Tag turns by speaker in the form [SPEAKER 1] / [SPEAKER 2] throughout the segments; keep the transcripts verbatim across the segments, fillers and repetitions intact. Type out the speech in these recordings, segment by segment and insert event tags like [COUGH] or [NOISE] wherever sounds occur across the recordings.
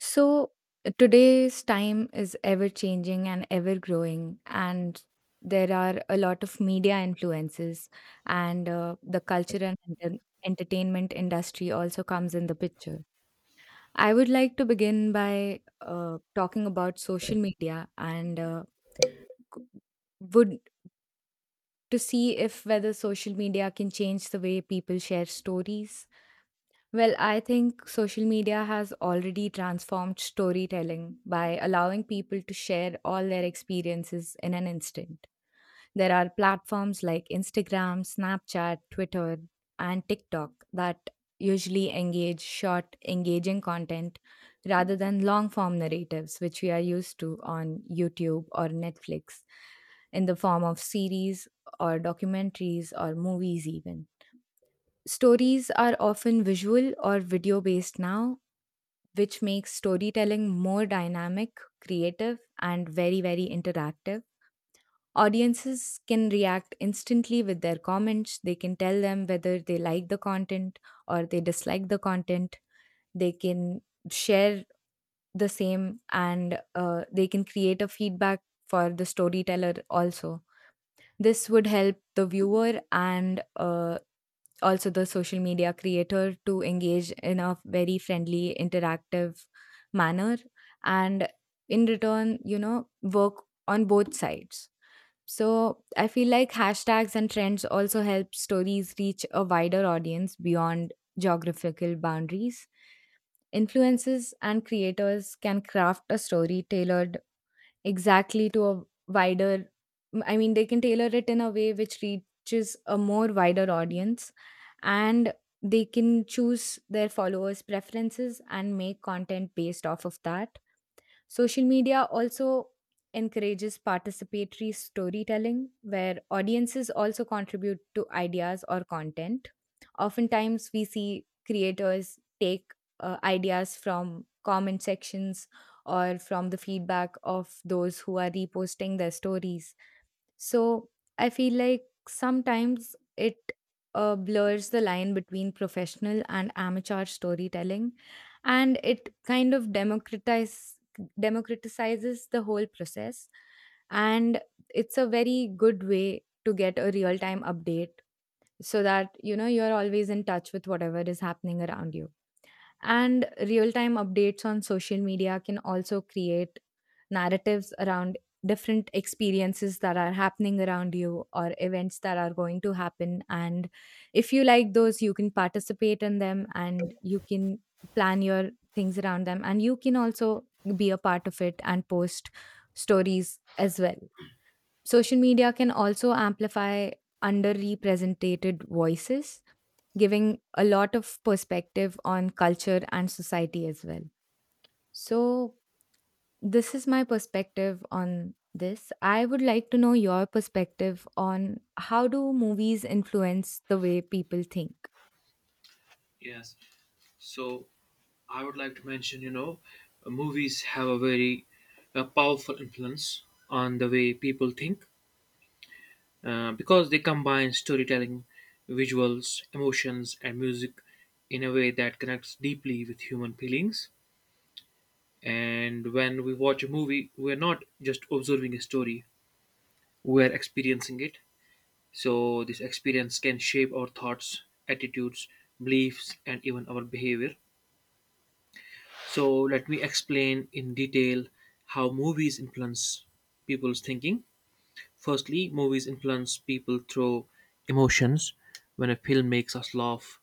[SPEAKER 1] So, today's time is ever changing and ever growing, and there are a lot of media influences, and uh, the culture and enter- entertainment industry also comes in the picture. I would like to begin by uh, talking about social media and uh, c- would to see if whether social media can change the way people share stories. Well, I think social media has already transformed storytelling by allowing people to share all their experiences in an instant. There are platforms like Instagram, Snapchat, Twitter, and TikTok that usually engage short, engaging content rather than long form narratives, which we are used to on YouTube or Netflix in the form of series or documentaries or movies, even. Stories are often visual or video based now, which makes storytelling more dynamic, creative, and very, very interactive. Audiences can react instantly with their comments. They can tell them whether they like the content or they dislike the content. They can share the same, and uh, they can create a feedback for the storyteller also. This would help the viewer, and uh, also the social media creator to engage in a very friendly interactive manner, and in return you know work on both sides. So I feel like hashtags and trends also help stories reach a wider audience beyond geographical boundaries. Influencers and creators can craft a story tailored exactly to a wider i mean they can tailor it in a way which reaches a more wider audience, and they can choose their followers preferences and make content based off of that. Social media also encourages participatory storytelling, where audiences also contribute to ideas or content. Oftentimes, we see creators take uh, ideas from comment sections or from the feedback of those who are reposting their stories. So I feel like sometimes it uh, blurs the line between professional and amateur storytelling, and it kind of democratize democratizes the whole process. And it's a very good way to get a real time update so that you know you're always in touch with whatever is happening around you. And real time updates on social media can also create narratives around different experiences that are happening around you or events that are going to happen. And if you like those, you can participate in them and you can plan your things around them. And you can also be a part of it and post stories as well. Social media can also amplify underrepresented voices, giving a lot of perspective on culture and society as well. So, this is my perspective on this. I would like to know your perspective on how do movies influence the way people think?
[SPEAKER 2] Yes. So I would like to mention, you know, movies have a very uh powerful influence on the way people think, uh, because they combine storytelling, visuals, emotions, and music in a way that connects deeply with human feelings. And when we watch a movie, we're not just observing a story, we're experiencing it. So, this experience can shape our thoughts, attitudes, beliefs, and even our behavior. So let me explain in detail how movies influence people's thinking. Firstly, movies influence people through emotions. When a film makes us laugh,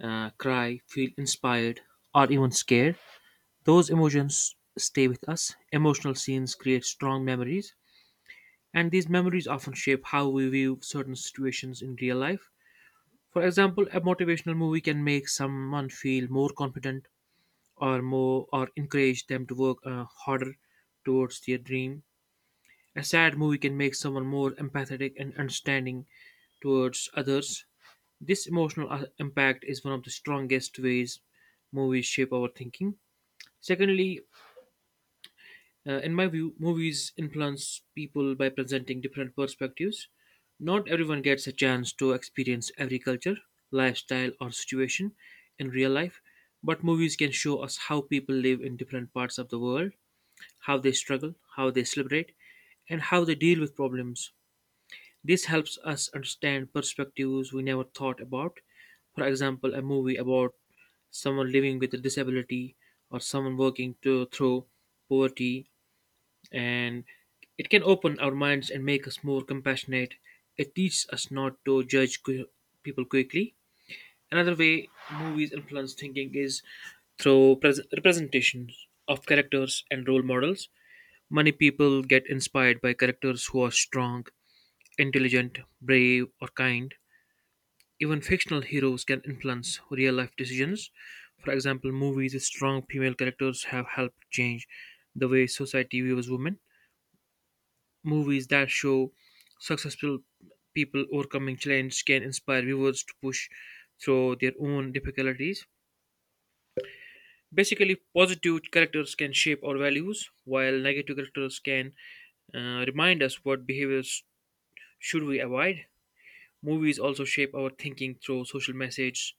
[SPEAKER 2] uh, cry, feel inspired, or even scared, those emotions stay with us. Emotional scenes create strong memories, and these memories often shape how we view certain situations in real life. For example, a motivational movie can make someone feel more confident or more or encourage them to work uh, harder towards their dream. A sad movie can make someone more empathetic and understanding towards others. This emotional uh, impact is one of the strongest ways movies shape our thinking. Secondly, uh, in my view, movies influence people by presenting different perspectives. Not everyone gets a chance to experience every culture, lifestyle, or situation in real life, but movies can show us how people live in different parts of the world, how they struggle, how they celebrate, and how they deal with problems. This helps us understand perspectives we never thought about. For example, a movie about someone living with a disability or someone working to, through poverty, and it can open our minds and make us more compassionate. It teaches us not to judge qu- people quickly. Another way movies influence thinking is through pres- representations of characters and role models. Many people get inspired by characters who are strong, intelligent, brave, or kind. Even fictional heroes can influence real life decisions. For example, movies with strong female characters have helped change the way society views women. Movies that show successful people overcoming challenges can inspire viewers to push through their own difficulties. Basically, positive characters can shape our values, while negative characters can uh, remind us what behaviors should we avoid? Movies also shape our thinking through social message.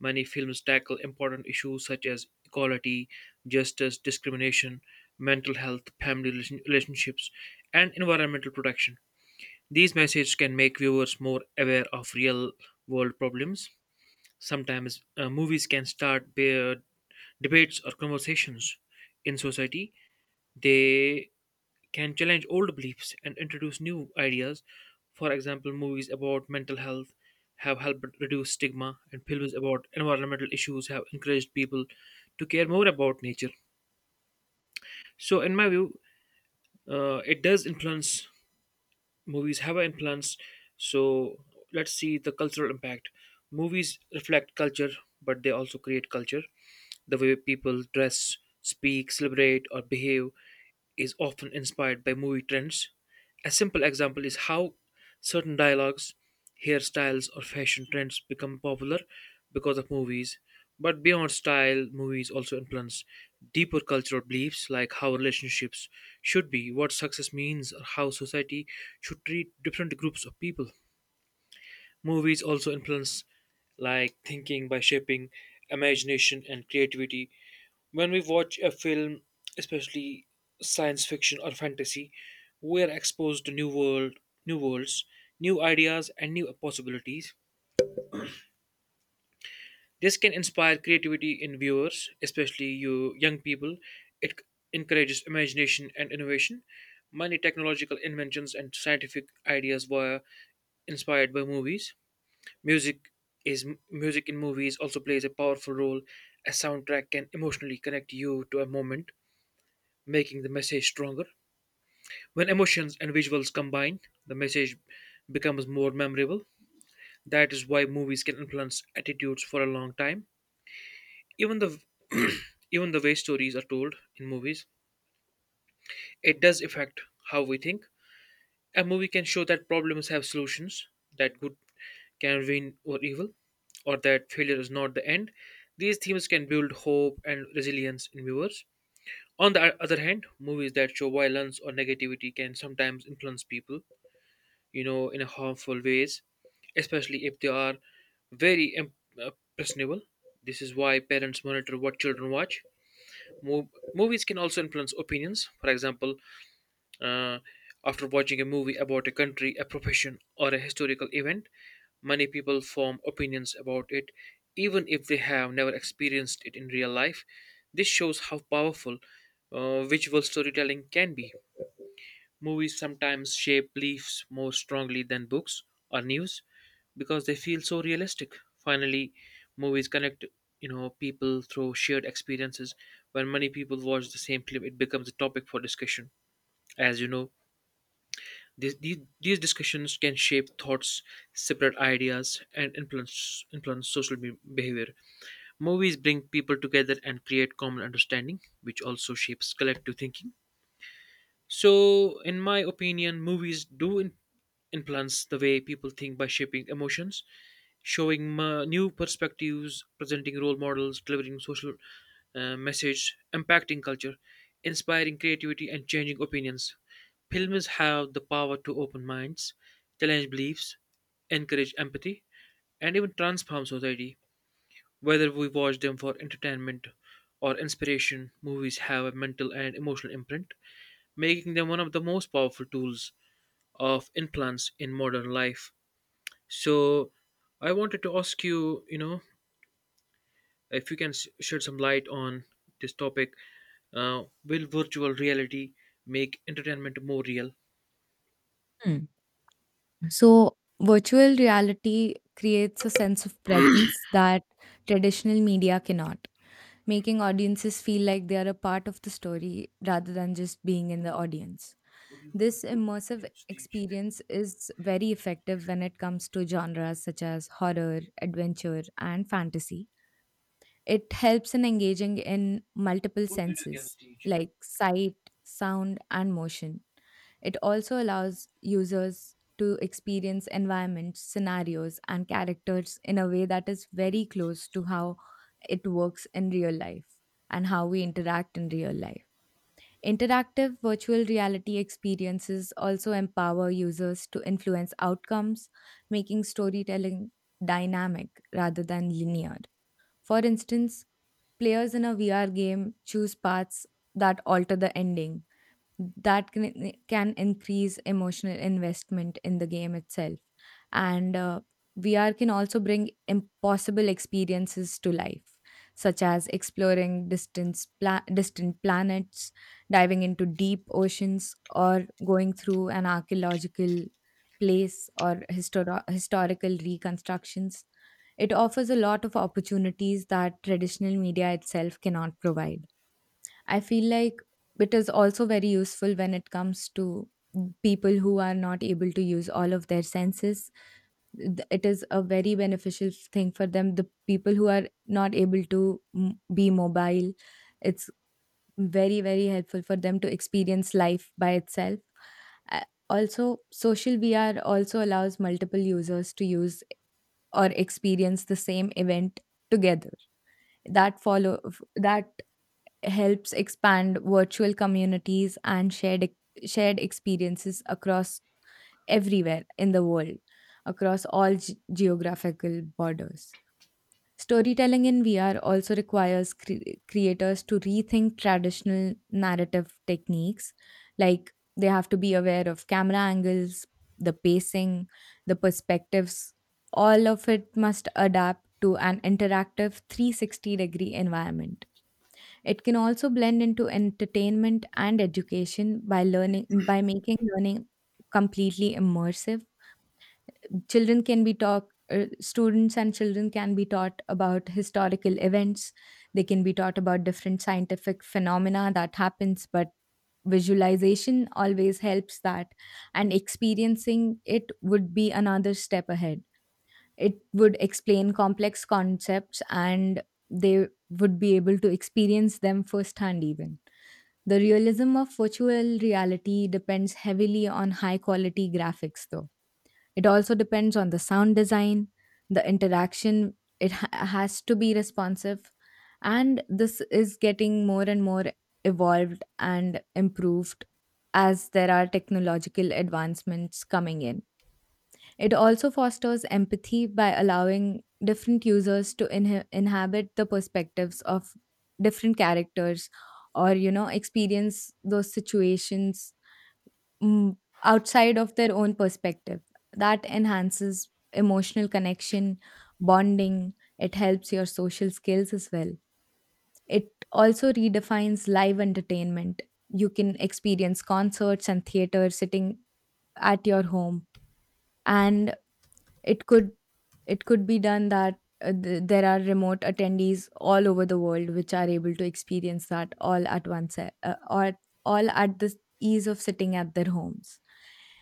[SPEAKER 2] Many films tackle important issues such as equality, justice, discrimination, mental health, family relation- relationships, and environmental protection. These messages can make viewers more aware of real world problems. Sometimes uh, movies can start be- debates or conversations in society. They can challenge old beliefs and introduce new ideas. For example, movies about mental health have helped reduce stigma, and films about environmental issues have encouraged people to care more about nature. So, in my view, uh, it does influence movies have an influence. So, let's see the cultural impact. Movies reflect culture, but they also create culture. The way people dress, speak, celebrate, or behave is often inspired by movie trends. A simple example is how certain dialogues, hairstyles, or fashion trends become popular because of movies. But beyond style, movies also influence deeper cultural beliefs like how relationships should be, what success means, or how society should treat different groups of people. Movies also influence like thinking by shaping imagination and creativity. When we watch a film, especially science fiction or fantasy, we are exposed to new world, new worlds, new ideas and new possibilities. This can inspire creativity in viewers, especially you young people. It c- encourages imagination and innovation. Many technological inventions and scientific ideas were inspired by movies. Music is Music in movies also plays a powerful role as soundtrack can emotionally connect you to a moment, making the message stronger. When emotions and visuals combine, the message becomes more memorable. That is why movies can influence attitudes for a long time. Even the [CLEARS THROAT] even the way stories are told in movies, it does affect how we think. A movie can show that problems have solutions, that good can win over evil, or that failure is not the end. These themes can build hope and resilience in viewers. On the other hand, movies that show violence or negativity can sometimes influence people, you know, in a harmful ways, especially if they are very im- uh, impressionable. This is why parents monitor what children watch. Mo- Movies can also influence opinions. For example, uh, after watching a movie about a country, a profession, or a historical event, many people form opinions about it, even if they have never experienced it in real life. This shows how powerful uh, visual storytelling can be. Movies sometimes shape beliefs more strongly than books or news because they feel so realistic. Finally, movies connect you know people through shared experiences. When many people watch the same film, it becomes a topic for discussion. As you know, these, these, these discussions can shape thoughts, separate ideas, and influence, influence social be- behavior. Movies bring people together and create common understanding, which also shapes collective thinking. So, in my opinion, movies do in- influence the way people think by shaping emotions, showing uh, new perspectives, presenting role models, delivering social uh, message, impacting culture, inspiring creativity, and changing opinions. Films have the power to open minds, challenge beliefs, encourage empathy, and even transform society. Whether we watch them for entertainment or inspiration, movies have a mental and emotional imprint, making them one of the most powerful tools of influence in modern life. So, I wanted to ask you, you know, if you can s- shed some light on this topic, uh, will virtual reality make entertainment more real?
[SPEAKER 1] Hmm. So, virtual reality creates a sense of presence that traditional media cannot, making audiences feel like they are a part of the story rather than just being in the audience. This immersive experience is very effective when it comes to genres such as horror, adventure, and fantasy. It helps in engaging in multiple senses like sight, sound, and motion. It also allows users to experience environments, scenarios, and characters in a way that is very close to how it works in real life and how we interact in real life. Interactive virtual reality experiences also empower users to influence outcomes, making storytelling dynamic rather than linear. For instance, players in a V R game choose paths that alter the ending, that can can increase emotional investment in the game itself. And uh, VR can also bring impossible experiences to life, such as exploring distance pla- distant planets, diving into deep oceans, or going through an archaeological place or histor- historical reconstructions. It offers a lot of opportunities that traditional media itself cannot provide. I feel like it is also very useful when it comes to people who are not able to use all of their senses. Th- It is a very beneficial thing for them. The people who are not able to m- be mobile, it's very, very helpful for them to experience life by itself. Uh, Also, social V R also allows multiple users to use or experience the same event together that follow f- that helps expand virtual communities and shared ex- shared experiences across everywhere in the world, across all ge- geographical borders. Storytelling in VR also requires cre- creators to rethink traditional narrative techniques. Like, they have to be aware of camera angles, the pacing, the perspectives. All of it must adapt to an interactive three hundred sixty degree environment. It can also blend into entertainment and education by learning by making learning completely immersive. Children can be taught, uh, students and children can be taught about historical events. They can be taught about different scientific phenomena that happens, but visualization always helps that, and experiencing it would be another step ahead. It would explain complex concepts, and they would be able to experience them firsthand even. The realism of virtual reality depends heavily on high quality graphics, though. It also depends on the sound design, the interaction, it ha- has to be responsive. And this is getting more and more evolved and improved as there are technological advancements coming in. It also fosters empathy by allowing different users to inhe- inhabit the perspectives of different characters or you know experience those situations, mm, outside of their own perspective. That enhances emotional connection, bonding, it helps your social skills as well. It also redefines live entertainment. You can experience concerts and theater sitting at your home, and it could it could be done that uh, th- there are remote attendees all over the world which are able to experience that all at once, uh, or all at the ease of sitting at their homes.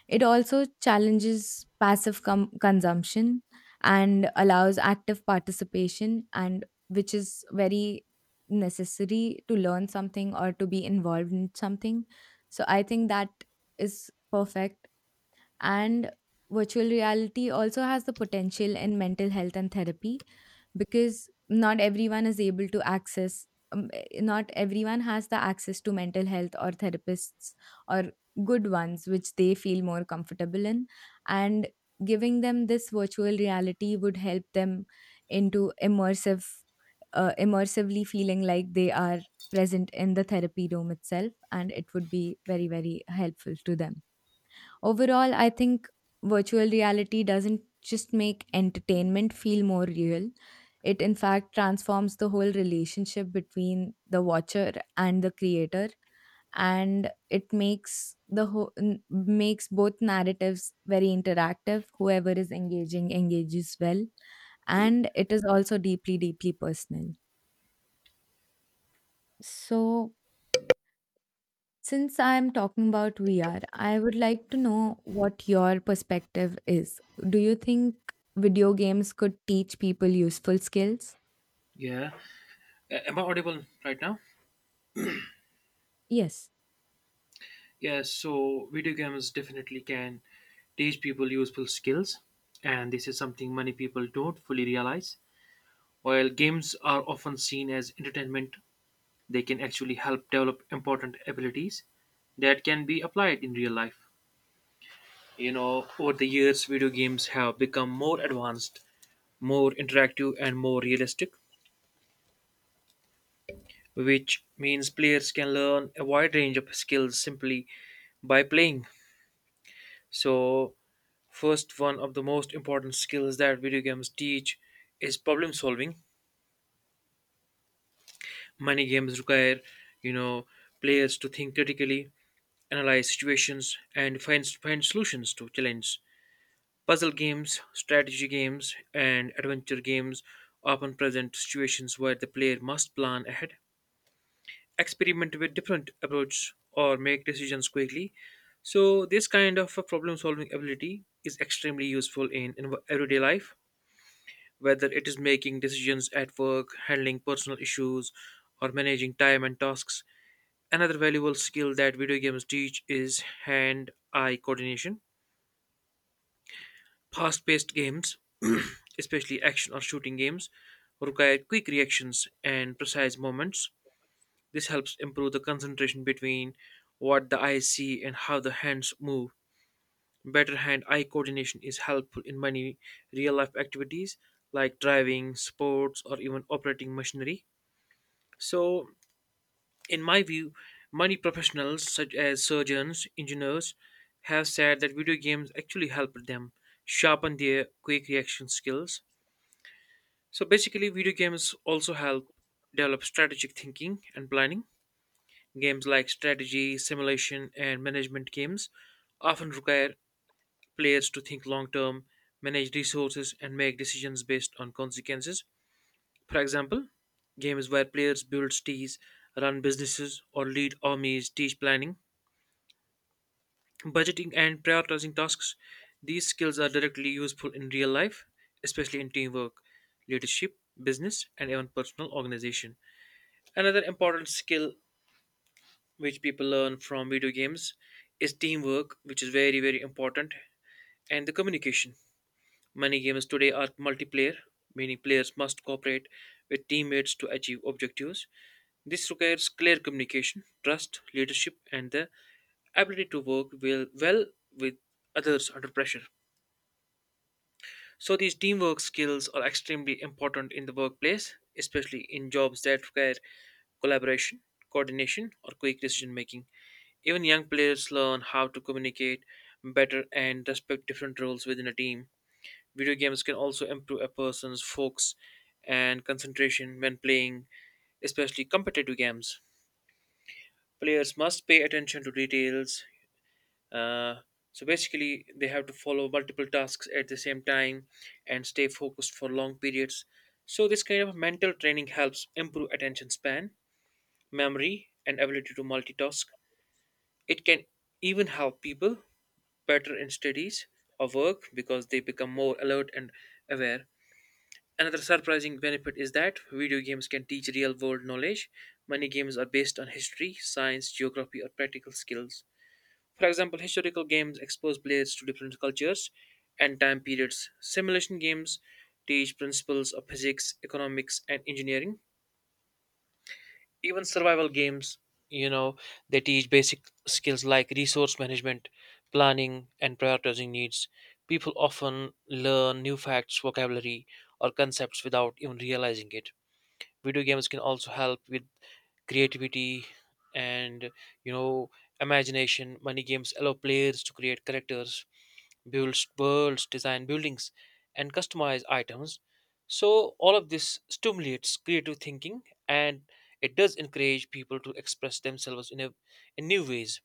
[SPEAKER 1] It also challenges passive com- consumption and allows active participation, and which is very necessary to learn something or to be involved in something. So I think that is perfect. And virtual reality also has the potential in mental health and therapy, because not everyone is able to access um, eh, not everyone has the access to mental health or therapists or good ones which they feel more comfortable in, and giving them this virtual reality would help them into immersive uh, immersively feeling like they are present in the therapy room itself, and it would be very, very helpful to them. Overall, I think virtual reality doesn't just make entertainment feel more real, it in fact transforms the whole relationship between the watcher and the creator, and it makes the whole makes both narratives very interactive, whoever is engaging engages well, and it is also deeply, deeply personal. So, since I'm talking about V R, I would like to know what your perspective is. Do you think video games could teach people useful skills?
[SPEAKER 2] Yeah. A- Am I audible right now?
[SPEAKER 1] Yes.
[SPEAKER 2] Yes. So video games definitely can teach people useful skills, and this is something many people don't fully realize. While games are often seen as entertainment, they can actually help develop important abilities that can be applied in real life. You know, over the years, video games have become more advanced, more interactive, and more realistic, which means players can learn a wide range of skills simply by playing. So, first, one of the most important skills that video games teach is problem solving. Many games require, you know, players to think critically, analyze situations, and find, find solutions to challenges. Puzzle games, strategy games, and adventure games often present situations where the player must plan ahead, experiment with different approaches, or make decisions quickly. So, this kind of a problem-solving ability is extremely useful in, in everyday life, whether it is making decisions at work, handling personal issues, or managing time and tasks. Another valuable skill that video games teach is hand-eye coordination. Fast-paced games, [CLEARS THROAT] especially action or shooting games, require quick reactions and precise movements. This helps improve the concentration between what the eyes see and how the hands move. Better hand-eye coordination is helpful in many real-life activities like driving, sports, or even operating machinery. So, in my view, many professionals such as surgeons, engineers have said that video games actually help them sharpen their quick reaction skills. So basically, video games also help develop strategic thinking and planning. Games like strategy, simulation, and management games often require players to think long term, manage resources, and make decisions based on consequences. For example, games where players build cities, run businesses, or lead armies teach planning, budgeting, and prioritizing tasks. These skills are directly useful in real life, especially in teamwork, leadership, business, and even personal organization. Another important skill which people learn from video games is teamwork, which is very, very important, and the communication. Many games today are multiplayer, meaning players must cooperate with teammates to achieve objectives. This requires clear communication, trust, leadership, and the ability to work well, well with others under pressure. So, these teamwork skills are extremely important in the workplace, especially in jobs that require collaboration, coordination, or quick decision making. Even young players learn how to communicate better and respect different roles within a team. Video games can also improve a person's focus and concentration when playing, especially competitive games. Players must pay attention to details, uh, so basically, they have to follow multiple tasks at the same time and stay focused for long periods. So, this kind of mental training helps improve attention span, memory, and ability to multitask. It can even help people better in studies or work because they become more alert and aware. Another surprising benefit is that video games can teach real world knowledge. Many games are based on history, science, geography, or practical skills. For example, historical games expose players to different cultures and time periods. Simulation games teach principles of physics, economics, and engineering. Even survival games, you know, they teach basic skills like resource management, planning, and prioritizing needs. People often learn new facts, vocabulary, or concepts without even realizing it. Video games can also help with creativity and, you know, imagination. Many games allow players to create characters, builds worlds, design buildings, and customize items. So, all of this stimulates creative thinking and it does encourage people to express themselves in, a, in new ways.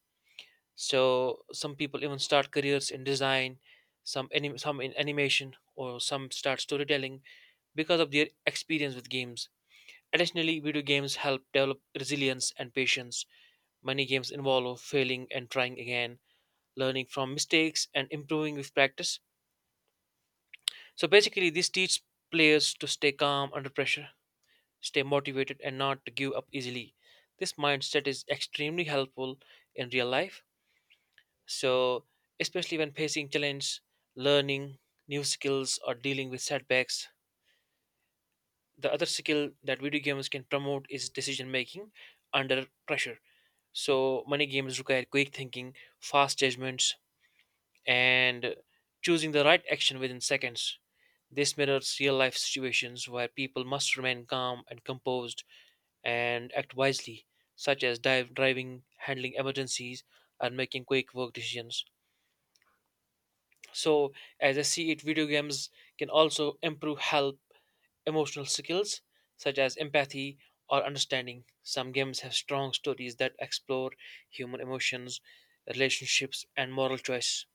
[SPEAKER 2] So, some people even start careers in design, some, anim- some in animation, or some start storytelling because of their experience with games. Additionally, video games help develop resilience and patience. Many games involve failing and trying again, learning from mistakes, and improving with practice. So basically, this teaches players to stay calm under pressure, stay motivated, and not to give up easily. This mindset is extremely helpful in real life, So, especially when facing challenge, learning new skills, or dealing with setbacks. The other skill that video games can promote is decision making under pressure. So, many games require quick thinking, fast judgments, and choosing the right action within seconds. This mirrors real life situations where people must remain calm and composed and act wisely, such as dive, driving, handling emergencies, and making quick work decisions. So, as I see it, video games can also improve help emotional skills such as empathy or understanding. Some games have strong stories that explore human emotions, relationships, and moral choice.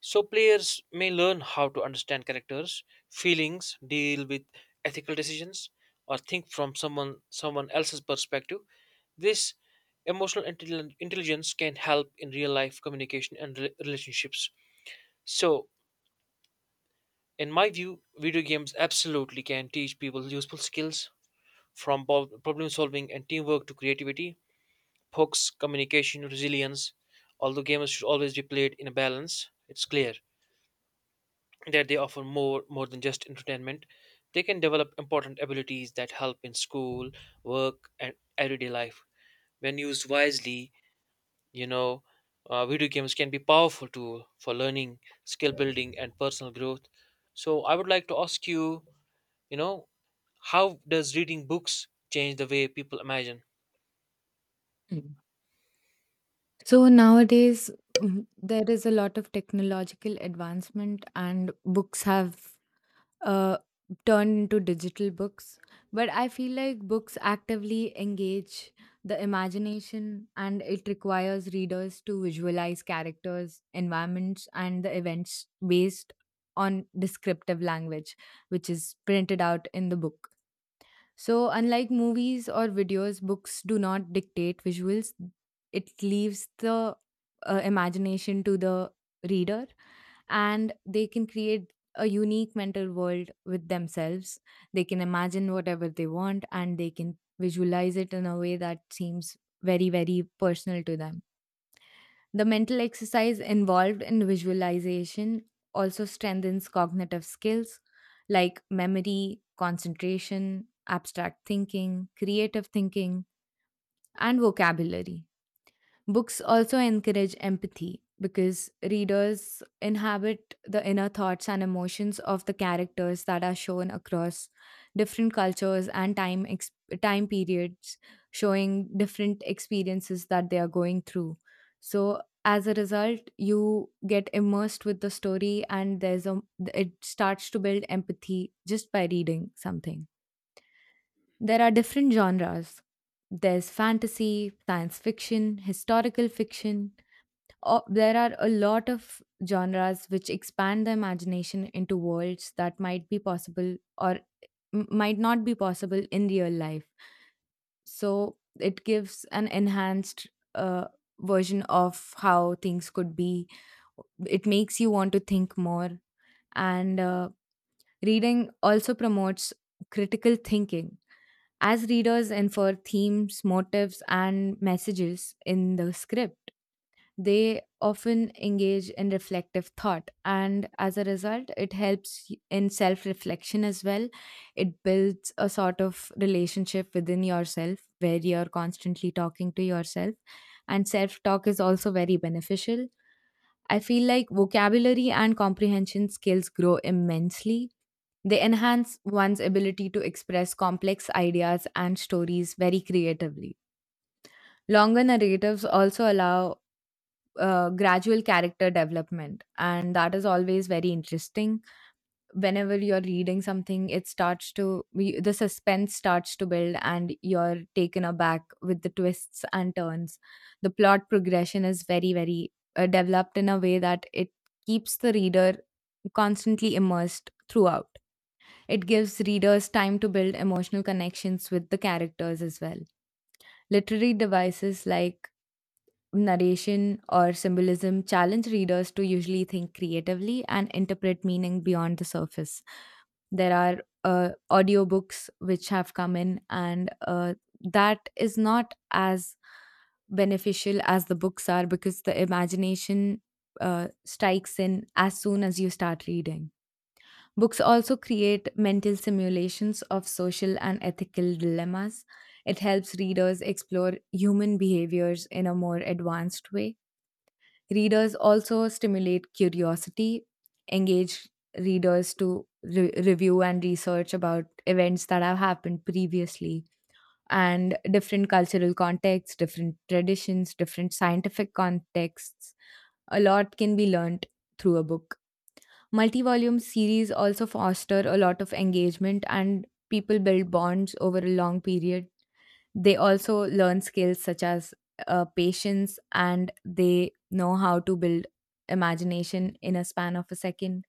[SPEAKER 2] So players may learn how to understand characters, feelings, deal with ethical decisions, or think from someone someone else's perspective. This emotional intelli- intelligence can help in real life communication and re- relationships. So, in my view, video games absolutely can teach people useful skills from bo- problem solving and teamwork to creativity, hooks, communication, resilience. Although games should always be played in a balance, it's clear that they offer more more than just entertainment. They can develop important abilities that help in school work and everyday life when used wisely. you know uh, Video games can be powerful tool for learning skill building and personal growth. So I would like to ask you, you know, how does reading books change the way people imagine?
[SPEAKER 1] Mm. So nowadays, mm, there is a lot of technological advancement, and books have uh, turned into digital books. But I feel like books actively engage the imagination, and it requires readers to visualize characters, environments, and the events based on descriptive language, which is printed out in the book. So, unlike movies or videos, books do not dictate visuals, it leaves the uh, imagination to the reader, and they can create a unique mental world with themselves. They can imagine whatever they want, and they can visualize it in a way that seems very, very personal to them. The mental exercise involved in visualization also strengthens cognitive skills like memory, concentration, abstract thinking, creative thinking, and vocabulary. Books also encourage empathy because readers inhabit the inner thoughts and emotions of the characters that are shown across different cultures and time ex- time periods, showing different experiences that they are going through. So as a result, you get immersed with the story, and there's a it starts to build empathy just by reading something. There are different genres, there's fantasy, science fiction, historical fiction, o- there are a lot of genres which expand the imagination into worlds that might be possible or m- might not be possible in real life. So it gives an enhanced uh, version of how things could be. It makes you want to think more. And uh, reading also promotes critical thinking. As readers infer themes, motives, and messages in the script, they often engage in reflective thought, and as a result, it helps y- in self reflection as well. It builds a sort of relationship within yourself where you're constantly talking to yourself, and self talk is also very beneficial. I feel like vocabulary and comprehension skills grow immensely. They enhance one's ability to express complex ideas and stories very creatively. Longer narratives also allow uh, gradual character development, and that is always very interesting. Whenever you're reading something, it starts to we- the suspense starts to build, and you're taken aback with the twists and turns. The plot progression is very, very uh, developed in a way that it keeps the reader constantly immersed throughout. It gives readers time to build emotional connections with the characters as well. Literary devices like narration or symbolism challenge readers to usually think creatively and interpret meaning beyond the surface. There are uh, audiobooks which have come in, and uh, that is not as beneficial as the books are because the imagination uh, strikes in as soon as you start reading. Books also create mental simulations of social and ethical dilemmas. It helps readers explore human behaviors in a more advanced way. Readers also stimulate curiosity, engage readers to re- review and research about events that have happened previously and different cultural contexts, different traditions, different scientific contexts. A lot can be learned through a book. Multi volume series also foster a lot of engagement, and people build bonds over a long period. They also learn skills such as uh, patience, and they know how to build imagination in a span of a second.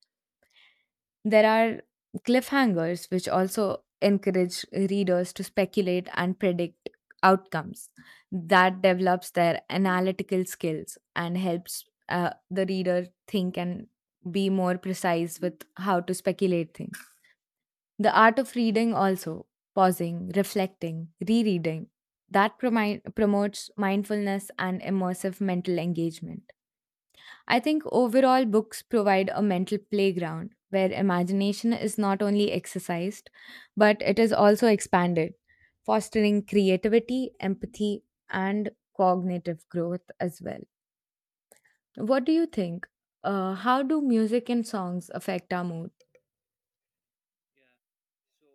[SPEAKER 1] There are cliffhangers, which also encourage readers to speculate and predict outcomes. That develops their analytical skills and helps uh, the reader think and be more precise with how to speculate things. The art of reading also, pausing, reflecting, rereading, that promi- promotes mindfulness and immersive mental engagement. I think overall, books provide a mental playground where imagination is not only exercised, but it is also expanded, fostering creativity, empathy, and cognitive growth as well. What do you think? Uh, how do music and songs affect our mood?
[SPEAKER 2] yeah so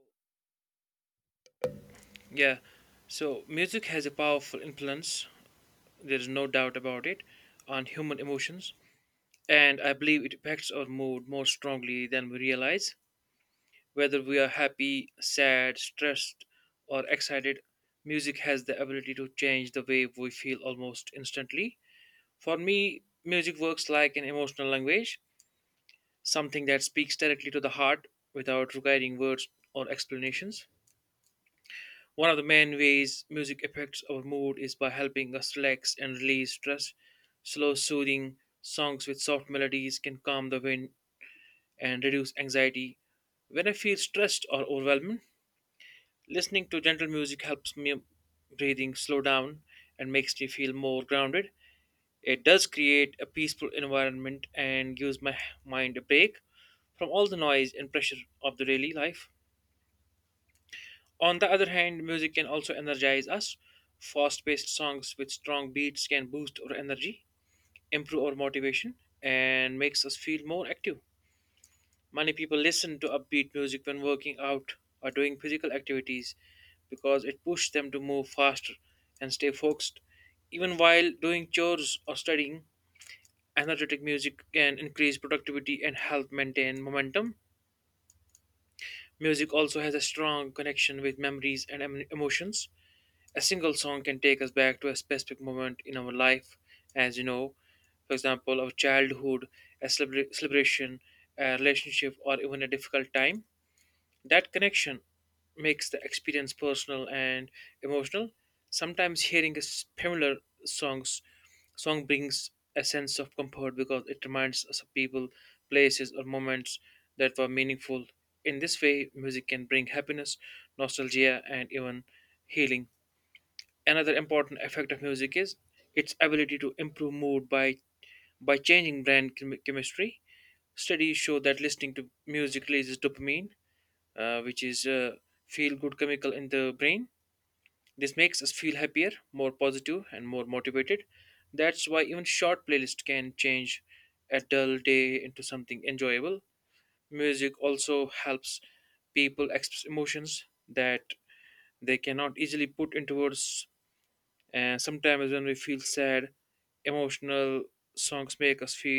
[SPEAKER 2] yeah so music has a powerful influence, there is no doubt about it, on human emotions, and I believe it affects our mood more strongly than we realize. Whether we are happy, sad, stressed, or excited, music has the ability to change the way we feel almost instantly. For me, music works like an emotional language, something that speaks directly to the heart without requiring words or explanations. One of the main ways music affects our mood is by helping us relax and release stress. Slow, soothing songs with soft melodies can calm the wind and reduce anxiety. When I feel stressed or overwhelmed, listening to gentle music helps me breathing slow down and makes me feel more grounded. It does create a peaceful environment and gives my mind a break from all the noise and pressure of the daily life. On the other hand, music can also energize us. Fast paced songs with strong beats can boost our energy, improve our motivation, and makes us feel more active. Many people listen to upbeat music when working out or doing physical activities because it pushes them to move faster and stay focused. Even while doing chores or studying, energetic music can increase productivity and help maintain momentum. Music also has a strong connection with memories and em- emotions. A single song can take us back to a specific moment in our life, as you know, for example, our childhood, a celebra- celebration, a relationship, or even a difficult time. That connection makes the experience personal and emotional. Sometimes hearing a similar songs song brings a sense of comfort because it reminds us of people, places, or moments that were meaningful. In this way, music can bring happiness, nostalgia, and even healing. Another important effect of music is its ability to improve mood by by changing brain chem- chemistry. Studies show that listening to music releases dopamine, uh, which is uh, feel good chemical in the brain. This makes us feel happier, more positive, and more motivated. That's why even short playlist can change a dull day into something enjoyable. Music also helps people express emotions that they cannot easily put into words. And sometimes when we feel sad, emotional songs make us feel